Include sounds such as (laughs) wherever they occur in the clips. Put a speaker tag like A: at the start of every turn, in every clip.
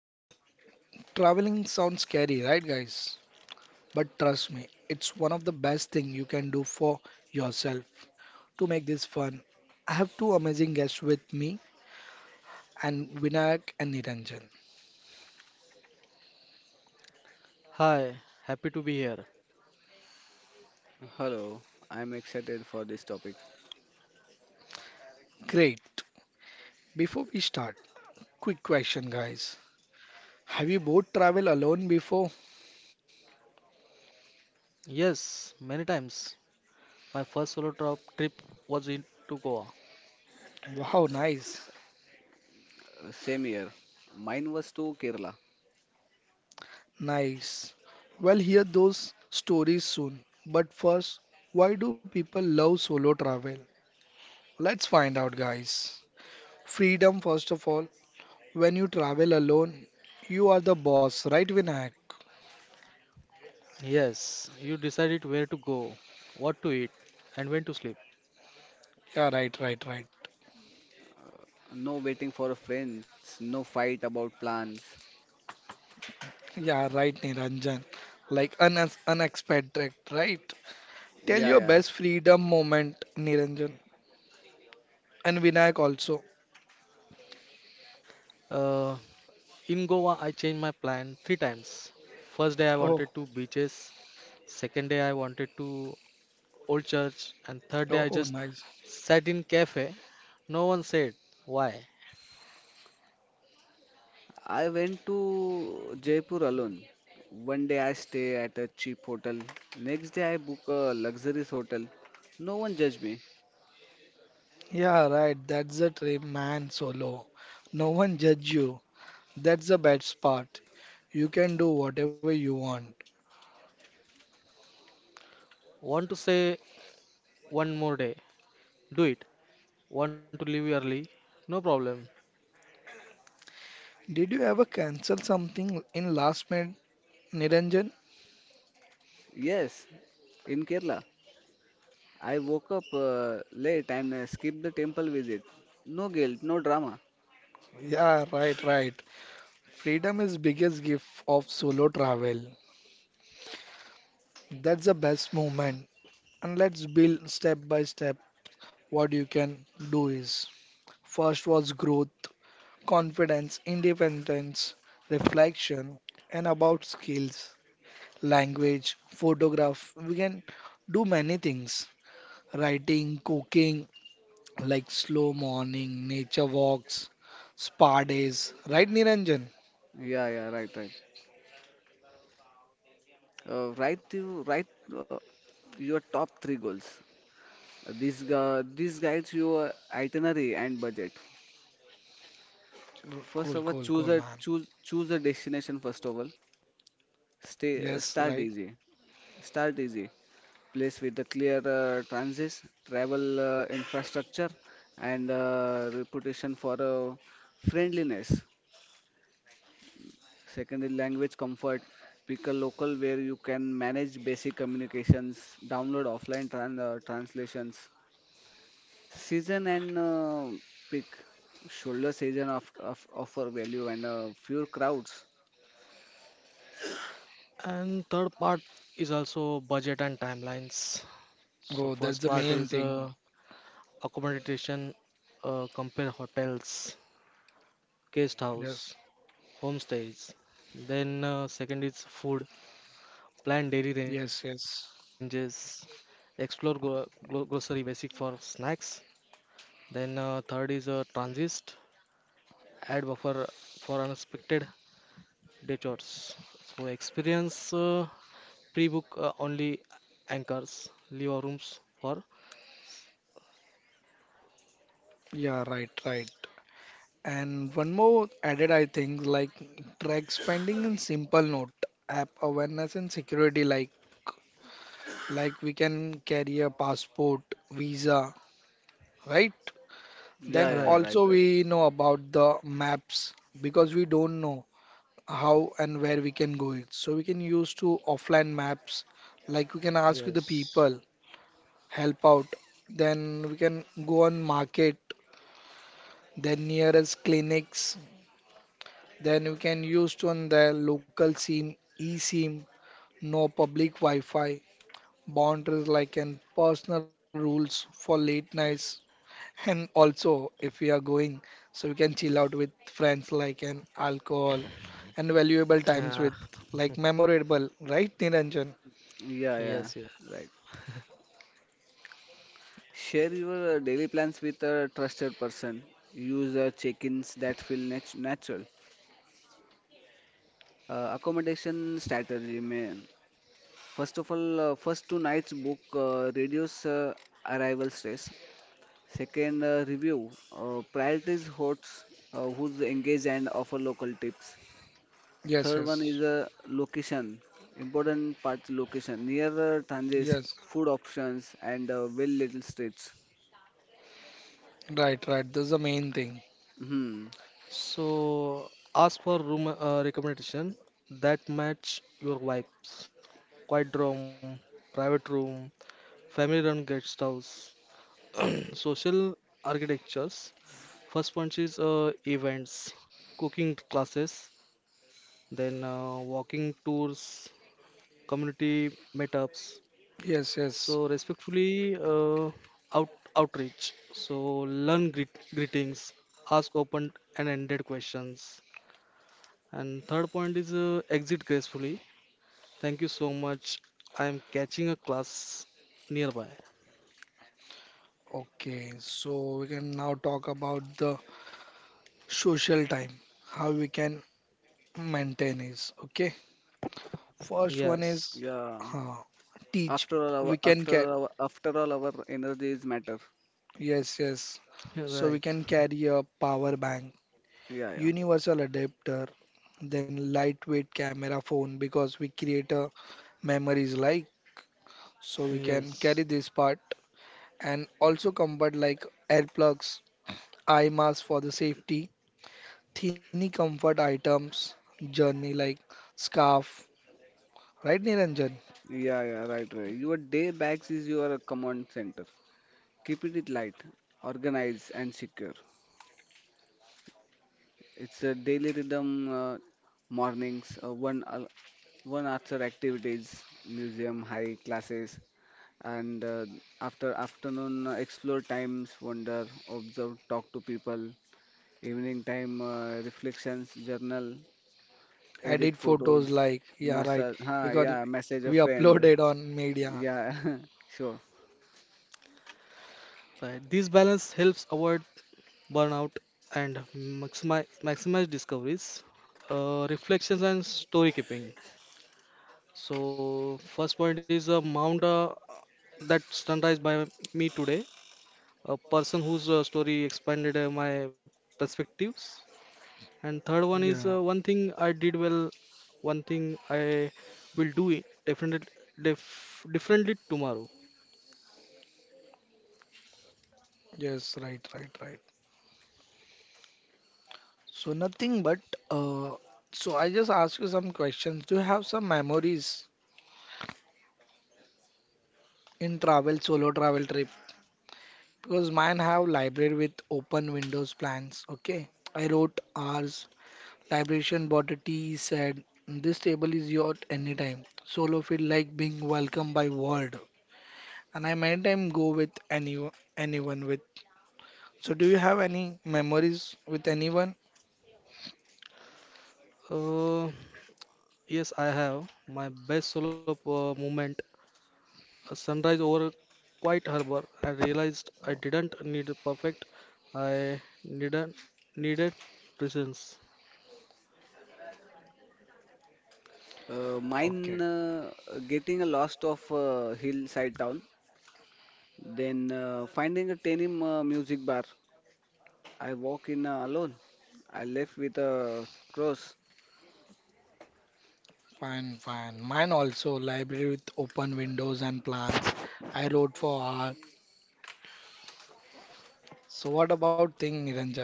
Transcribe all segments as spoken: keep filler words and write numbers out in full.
A: Traveling sounds scary, right guys? But trust me, it's one of the best thing you can do for yourself to make this fun. I have two amazing guests with me and Vinayak and Niranjan.
B: Hi, happy to be here.
C: Hello, I'm excited for this topic.
A: Great. Before we start, quick question guys. Have you both traveled alone before?
B: Yes, many times. My first solo trip trip was in to Goa.
A: Wow, nice.
C: Uh, same here. Mine was to Kerala.
A: Nice. Well, hear those stories soon. But first, why do people love solo travel? Let's find out, guys. Freedom, first of all. When you travel alone, you are the boss, right, Vinayak?
B: Yes, you decided where to go, what to eat, and when to sleep.
A: Yeah, right, right, right.
C: No waiting for friends, no fight about plans.
A: Yeah, right, Niranjan. Like un unexpected, right? Tell
C: Yeah,
A: your
C: yeah.
A: best freedom moment, Niranjan. And Vinayak also.
B: Uh, in Goa, I changed my plan three times. First day, I wanted to
A: Oh,
B: beaches. Second day, I wanted to old church, and third day, I
A: oh,
B: just
A: nice.
B: sat in cafe. No one said why.
C: I went to Jaipur alone. One day I stay at a cheap hotel. Next day I book a luxurious hotel. No one judge me.
A: Yeah, right. That's the dream, man. Solo. No one judge you. That's the best part. You can do whatever you want.
B: Want to say one more day? Do it. Want to leave early? No problem.
A: Did you ever cancel something in last minute, Niranjan?
C: Yes, in Kerala. I woke up uh, late and uh, skipped the temple visit. No guilt, no drama.
A: Yeah, right, right. Freedom is biggest gift of solo travel. That's the best moment. And let's build step by step what you can do is. First was growth, confidence, independence, reflection, and about skills, language, photograph. We can do many things. Writing, cooking, like slow morning, nature walks, spa days, right, Niranjan?
C: Yeah, yeah, right, right. Uh, write you write uh, your top three goals. This uh, this guides your itinerary and budget.
A: R- Cool, cool,
C: First of all,
A: cool, man.
C: choose a choose choose a destination. First of all, stay uh,
A: Yes,
C: start
A: right.
C: easy. Start easy. Place with the clear uh, transit, travel uh, infrastructure, and uh, reputation for uh, friendliness. Secondary language comfort. Pick a local where you can manage basic communications. Download offline tran uh, translations. Season and uh, pick shoulder season of, of offer value and uh, fewer crowds.
B: And third part is also budget and timelines. So
A: Oh,
B: first
A: that's the
B: part is
A: main
B: uh,
A: thing.
B: accommodation, uh, compare hotels, guest house,
A: Yes,
B: homestays. Then uh, second is food, plan daily
A: yes, yes.
B: ranges, explore gro gro grocery basic for snacks. Then uh, third is uh, transist, add buffer for unexpected detours. So experience uh, pre-book uh, only anchors, leave our rooms for.
A: Yeah, right, right. And one more added, I think, like track spending in simple note, app awareness and security, like like we can carry a passport, visa, right?
C: Yeah,
A: Then
C: yeah,
B: Right.
C: right,
A: also
C: right.
A: we know about the maps because we don't know how and where we can go it. So we can use to offline maps, like we can ask you the
B: Yes.
A: people help out. Then we can go on market, then nearest clinics. Then we can use to on the local SIM, eSIM, no public Wi-Fi, boundaries like and personal rules for late nights. And also if we are going, so we can chill out with friends like an alcohol and valuable
B: Uh,
A: times with like memorable, right, Niranjan?
C: Yeah,
B: yes.
C: yeah,
B: Yes.
C: right. Share your uh, daily plans with a trusted person. Use uh, check-ins that feel nat- natural. Uh, accommodation strategy, man. First of all, uh, first two nights book uh, reduce uh, arrival stress. Second, uh, review. Uh, priorities hosts uh, who's engaged and offer local tips.
A: Yes,
C: Third one
A: yes,
C: is a location. Important part location. Nearer uh, Tangiers,
A: yes.
C: food options and uh, well little streets.
A: Right, right. That's the main thing.
C: Hmm.
B: So ask for room uh, recommendation that match your vibes. Quiet room, private room, family-run guest house, (clears throat) social architectures. First one is uh, events, cooking classes, then uh, walking tours, community meetups.
A: Yes, yes.
B: So respectfully, uh, out outreach. So learn greet, greetings, ask open and ended questions. And third point is uh, exit gracefully. Thank you so much. I am catching a class nearby.
A: Okay, so we can now talk about the social time, how we can maintain is. Okay, first one is
B: Yes,
C: Yeah.
A: uh, teach.
C: After all, our
A: We can
C: after
A: get,
C: all, our after all, our energy is matter.
A: yes, yes. So we
B: right.
A: can carry a power bank,
C: Yeah, yeah,
A: universal adapter, then lightweight camera phone because we create a memories like so we can
B: Yes,
A: carry this part and also comfort like air plugs eye mask for the safety, thinny comfort items, journey like scarf, right Niranjan?
C: yeah, yeah. Right, right. Your day bags is your command center. Keep it it light, organized, and secure. It's a daily rhythm. Uh, mornings, uh, one al- one after activities, museum, high classes, and uh, after afternoon uh, explore times wonder observe talk to people evening time uh, reflections journal edit
A: Edit photos
C: photos
A: like, yeah, right,
C: massage ha
A: because
C: yeah message a
A: we upload
C: friend,
A: it on media.
C: yeah, (laughs) sure.
B: right. This balance helps avoid burnout and maximize maximize discoveries, uh, reflections and story keeping. So first point is a mount uh, that sunrise by me today, a person whose uh, story expanded uh, my perspectives. And third one
A: Yeah,
B: is uh, one thing I did well, one thing I will do it definitely def differently tomorrow.
A: yes, right, right, right. So nothing but, uh, so I just ask you some questions. Do you have some memories in travel, solo travel trip? Because mine have library with open windows plans, okay? I wrote hours Liberation bought a tea, said, "This table is yours anytime." Solo feel like being welcomed by world. And I many time go with any anyone with. So do you have any memories with anyone?
B: Uh, yes, I have my best solo uh, moment, a sunrise over quiet harbor. I realized I didn't need perfect. I needed needed presence.
C: uh, mine
A: Okay,
C: uh, Getting a lost of uh, hillside town then uh, finding a tenim uh, music bar. I walk in uh, alone. I left with a cross.
A: fine, fine. Mine also library with open windows and plants. I wrote for art. So what about thing Niranjan?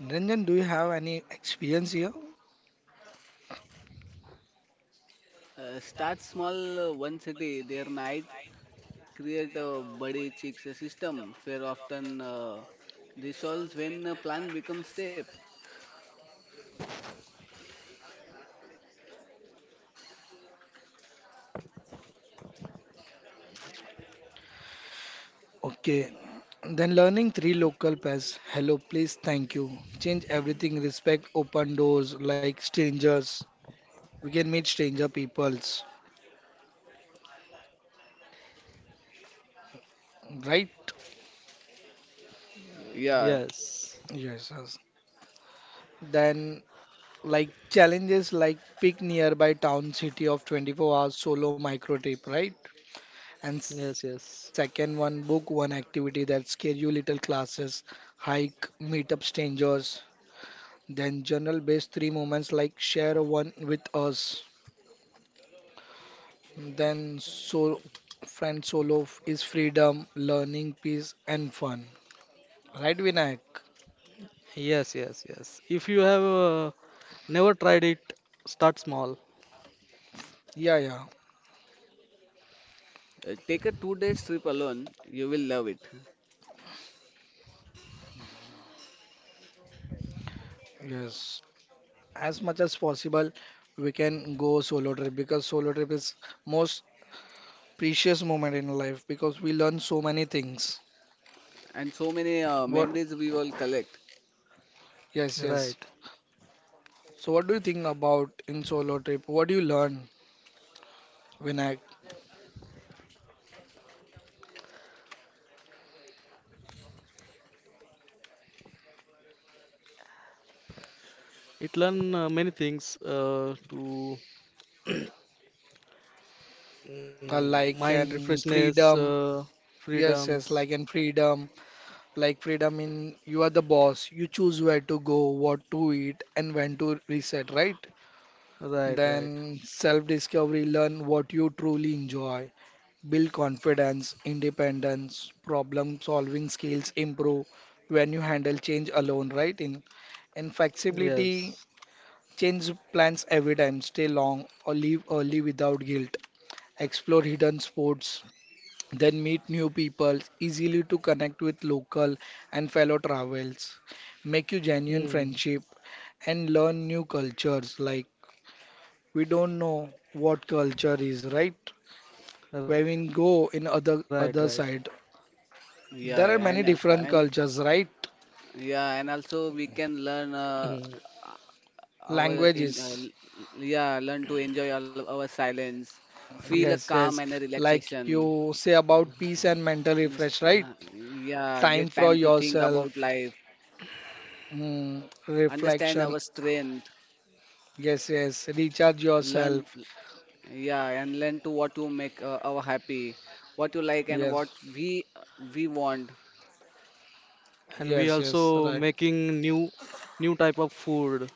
A: Niranjan, do you have any experience here?
C: uh, Start small, uh, one city their night. Create a buddy chicks system where often uh, resolves when a plan becomes step.
A: Okay, then learning three local pairs. Hello, please, thank you. Change everything. Respect open doors like strangers. We can meet stranger peoples, right?
C: Yeah,
B: Yes,
A: Yes, yes. Then like challenges like pick nearby town city of twenty-four hours solo micro trip, right? And second
B: yes,
A: one,
B: yes,
A: book one activity that scare you little classes, hike, meet up strangers. Then journal based three moments like share one with us. Then so friend solo f- is freedom, learning, peace and fun. Right, Vinayak?
B: yes, yes, yes. If you have uh, never tried it, start small.
A: Yeah, yeah.
C: uh, take a two days trip alone, you will love it,
A: Yes. As much as possible we can go solo trip because solo trip is most precious moment in life because we learn so many things.
C: and so many uh,
A: What?
C: memories we will collect.
A: Yes, yes.
B: Right.
A: So what do you think about in solo trip? What do you learn, Vinayak?
B: It learn uh, many things uh, to
A: Uh,
B: mm,
A: like
B: mind
A: and
B: refreshness,
A: freedom.
B: uh,
A: Yes, yes, like
B: freedoms.
A: and freedom. Like freedom in you are the boss, you choose where to go, what to eat, and when to reset, right?
B: Right, right.
A: Then self-discovery, learn what you truly enjoy, build confidence, independence, problem-solving skills improve when you handle change alone, right? In and flexibility,
B: Yes.
A: change plans every time, stay long or leave early without guilt, explore hidden sports, then meet new people, easily to connect with local and fellow travels, make you genuine
B: Mm,
A: friendship and learn new cultures. Like we don't know what culture is, right? Where
B: right,
A: we
B: right.
A: go in other other side,
C: Yeah,
A: there are
C: yeah,
A: many
C: and uh,
A: different
C: and
A: cultures, right?
C: yeah, and also we can learn
B: Mm.
C: uh, uh, our in uh,
A: Languages.
C: l- yeah, learn to enjoy all our silence, feel a
A: Yes, yes.
C: calm and a
A: Like
C: relaxation.
A: you say about peace and mental
C: Miss-
A: refresh, right?
C: uh, yeah,
A: Time
C: get
A: for
C: time to think
A: yourself,
C: about life,
A: mm,
C: understand
A: reflection.
C: our strength,
A: Yes, yes. Recharge
C: learn,
A: yourself.
C: yeah, and learn to what you make uh, our happy, what you like and
A: Yes.
C: what we we want.
B: And we
A: Yes, yes,
B: also
A: right,
B: making new new type of food,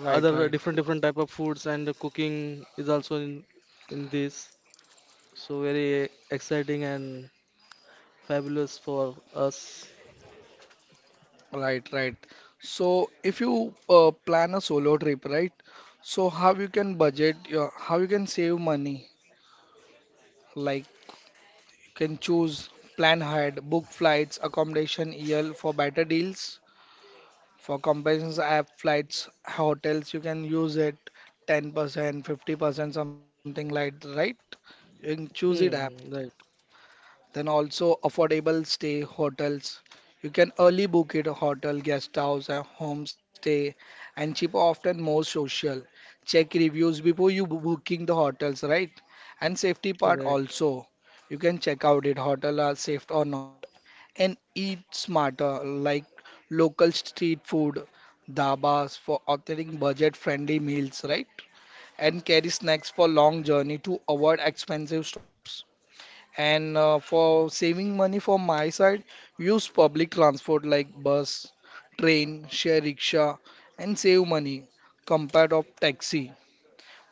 A: right,
B: other
A: right,
B: different different type of foods and cooking is also in in this. So very exciting and fabulous for us.
A: right, right. So if you uh, plan a solo trip, right? So how you can budget, your, how you can save money? Like you can choose plan ahead, book flights, accommodation, E L for better deals. For comparisons app flights, hotels, you can use it ten percent, fifty percent, something like, right? You can choose it app.
B: Hmm, right,
A: Then also affordable stay hotels. You can early book it a hotel, guest house, and homestay, and cheap often more social. Check reviews before you bo- booking the hotels, right? And safety part
B: right,
A: also. You can check out it hotel are safe or not. And eat smarter like local street food, dabas for authoring budget-friendly meals, right? And carry snacks for long journey to avoid expensive stops. And uh, for saving money for my side, use public transport like bus, train, share rickshaw, and save money compared of taxi.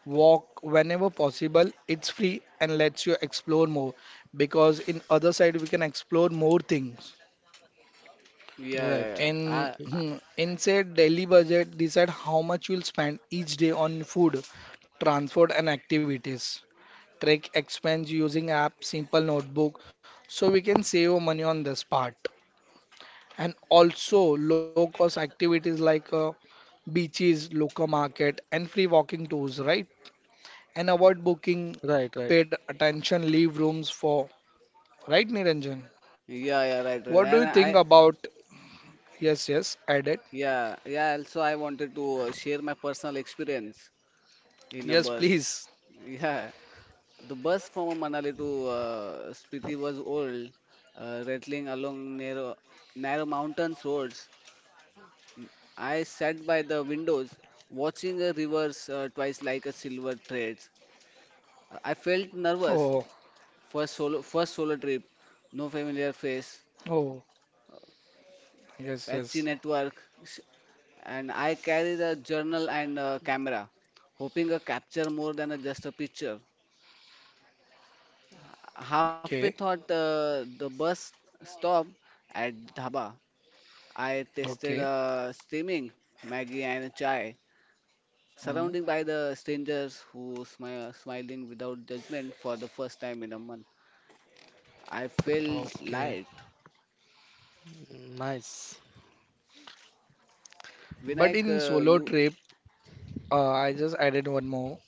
A: Walk whenever possible. It's free and lets you explore more because in other side we can explore more things.
C: yeah yeah
B: right,
C: yeah
A: In
C: I, I-
A: in said daily budget, decide how much you'll spend each day on food, transport, and activities track expense using app, simple notebook, so we can save money on this part. And also low cost activities like uh, beaches, local market, and free walking tours, right? And avoid booking
B: right, right.
A: paid attention leave rooms for, right, Niranjan?
C: Yeah, yeah, right,
A: What
C: right.
A: do you
C: And
A: think
C: I,
A: about? Yes, yes, add it.
C: yeah, yeah, also I wanted to uh, share my personal experience in a
A: Yes,
C: bus.
A: please. (laughs)
C: (laughs) Yeah, the bus from Manali to uh, Spiti was old, uh, rattling along narrow narrow mountains roads. I sat by the windows watching the rivers uh, twice like a silver thread. I felt
A: Oh,
C: nervous. First solo, first solo trip, no familiar face,
A: oh, yes, yes.
C: patchy network, s- and I carried a journal and a camera, hoping a capture more than a, just a picture. Halfway
A: Okay,
C: thought uh, the bus stopped at dhaba. I
A: okay.
C: tasted uh, steaming Maggie and a chai,
A: Mm,
C: surrounded by the strangers who smile, smiling without judgment for the first time in a month. I felt
A: okay.
C: light.
B: Nice.
A: But
C: Vinayak,
A: in
C: uh,
A: solo
C: you
A: trip, uh, I just added one more.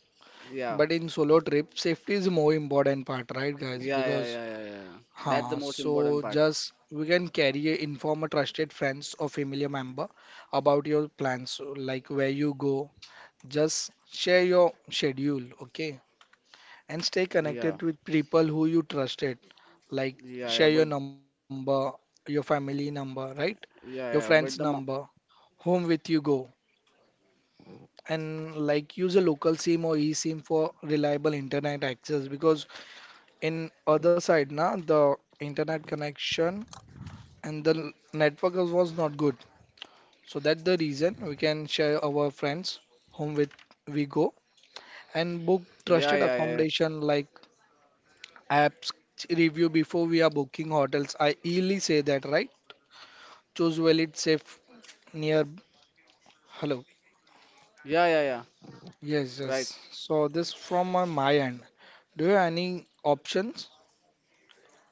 C: yeah,
A: But in solo trip, safety is more important part, right, guys?
C: yeah, yeah,
A: Because,
C: yeah, yeah, yeah. That's the
A: huh,
C: most
A: so
C: important part.
A: just we can carry a inform a trusted friends or familiar member about your plans, like where you go. Just share your schedule, okay? And stay
C: Yeah,
A: connected with people who you trusted, like
C: yeah, yeah.
A: share
C: But
A: your number, your family number, right? Your
C: yeah,
A: friend's
C: yeah. But the
A: number,
C: mo-
A: whom with you go. And like use a local SIM or eSIM for reliable internet access because in other side na the internet connection and the l- network was not good so that the reason we can share our friends whom with we go and book
C: Yeah,
A: trusted
C: yeah, yeah,
A: accommodation like apps review before we are booking hotels, I easily say that, right? Choose well it's safe, near, hello.
C: yeah, yeah, yeah.
A: Yes,
C: Right.
A: yes. So this from my, my end, do you have any options,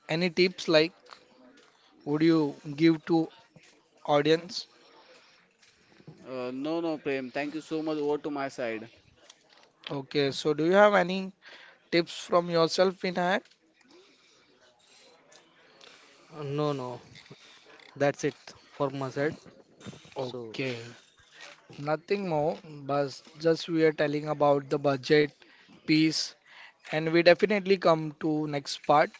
A: any tips like would you give to audience?
C: Uh, no, no, Prem. Thank you so much. Over to my side.
A: Okay, so do you have any tips from yourself, Vinayak?
B: Uh, No, no, that's it for my side. So,
A: Okay, nothing more, but just we are telling about the budget piece, and we definitely come to next part.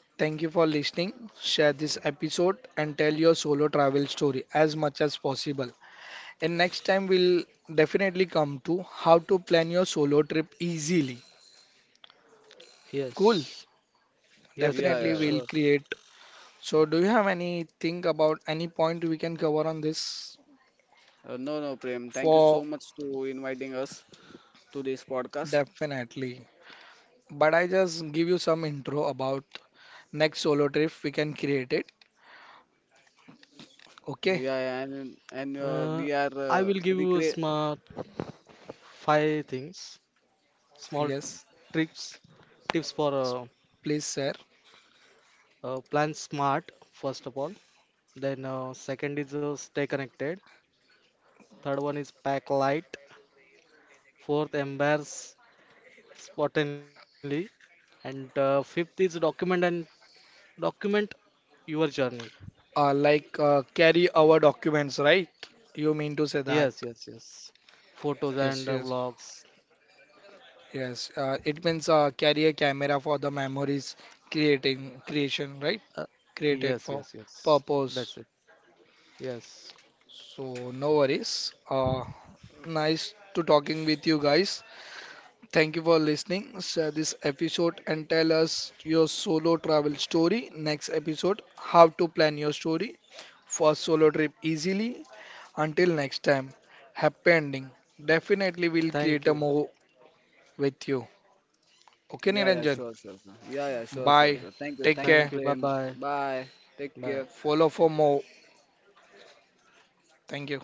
A: Thank you for listening. Share this episode and tell your solo travel story as much as possible. And next time we'll definitely come to how to plan your solo trip easily. Cool.
B: yes, yes,
C: Yeah,
B: yes, yes,
A: Definitely
C: yeah,
A: we'll
B: sure.
A: create. So do you have anything about any point we can cover on this?
C: yeah. Uh, no, no, Prem. Thank you
A: For
C: so much to inviting us to this podcast.
A: definitely. But I just give you some intro about next solo trip we can create it.
C: Yeah,
A: Okay,
C: yeah, and and uh,
B: Uh,
C: We are
B: I
C: uh,
B: will give you a
C: recreate.
B: smart five things, small
A: yes,
B: tips, tips for uh,
A: S- please, sir.
B: uh, plan smart, first of all. Then, uh, second is uh, stay connected. Third one is pack light. Fourth, embrace Spottenly. And uh, fifth is document and document your journey.
A: Uh, like uh, carry our documents, right? You mean to say
B: Yes,
A: that?
B: yes, yes. Photos and uh,
A: Yes, yes,
B: vlogs.
A: yes. Uh, it means uh, carry a camera for the memories creating creation, right?
B: Uh, yes,
A: Created
B: yes,
A: for
B: yes. That's
A: purpose.
B: it. Yes.
A: So no worries. Uh, nice to talking with you guys. Thank you for listening. Share this episode and tell us your solo travel story. Next episode, how to plan your story for solo trip easily. Until next time, happy ending. Definitely we'll create
B: Thank
A: a
B: you.
A: more with you. Okay,
C: Yeah, yeah,
A: Niranjan.
C: sure, sure, sure. Yeah, yeah, sure, sure,
A: Bye.
B: Okay.
C: sure. Thank you,
A: Take
C: thank you,
B: Thank
A: care.
B: you. Bye
C: Prem.
B: bye.
C: Bye. Take care.
B: Bye.
A: Follow for more. Thank you.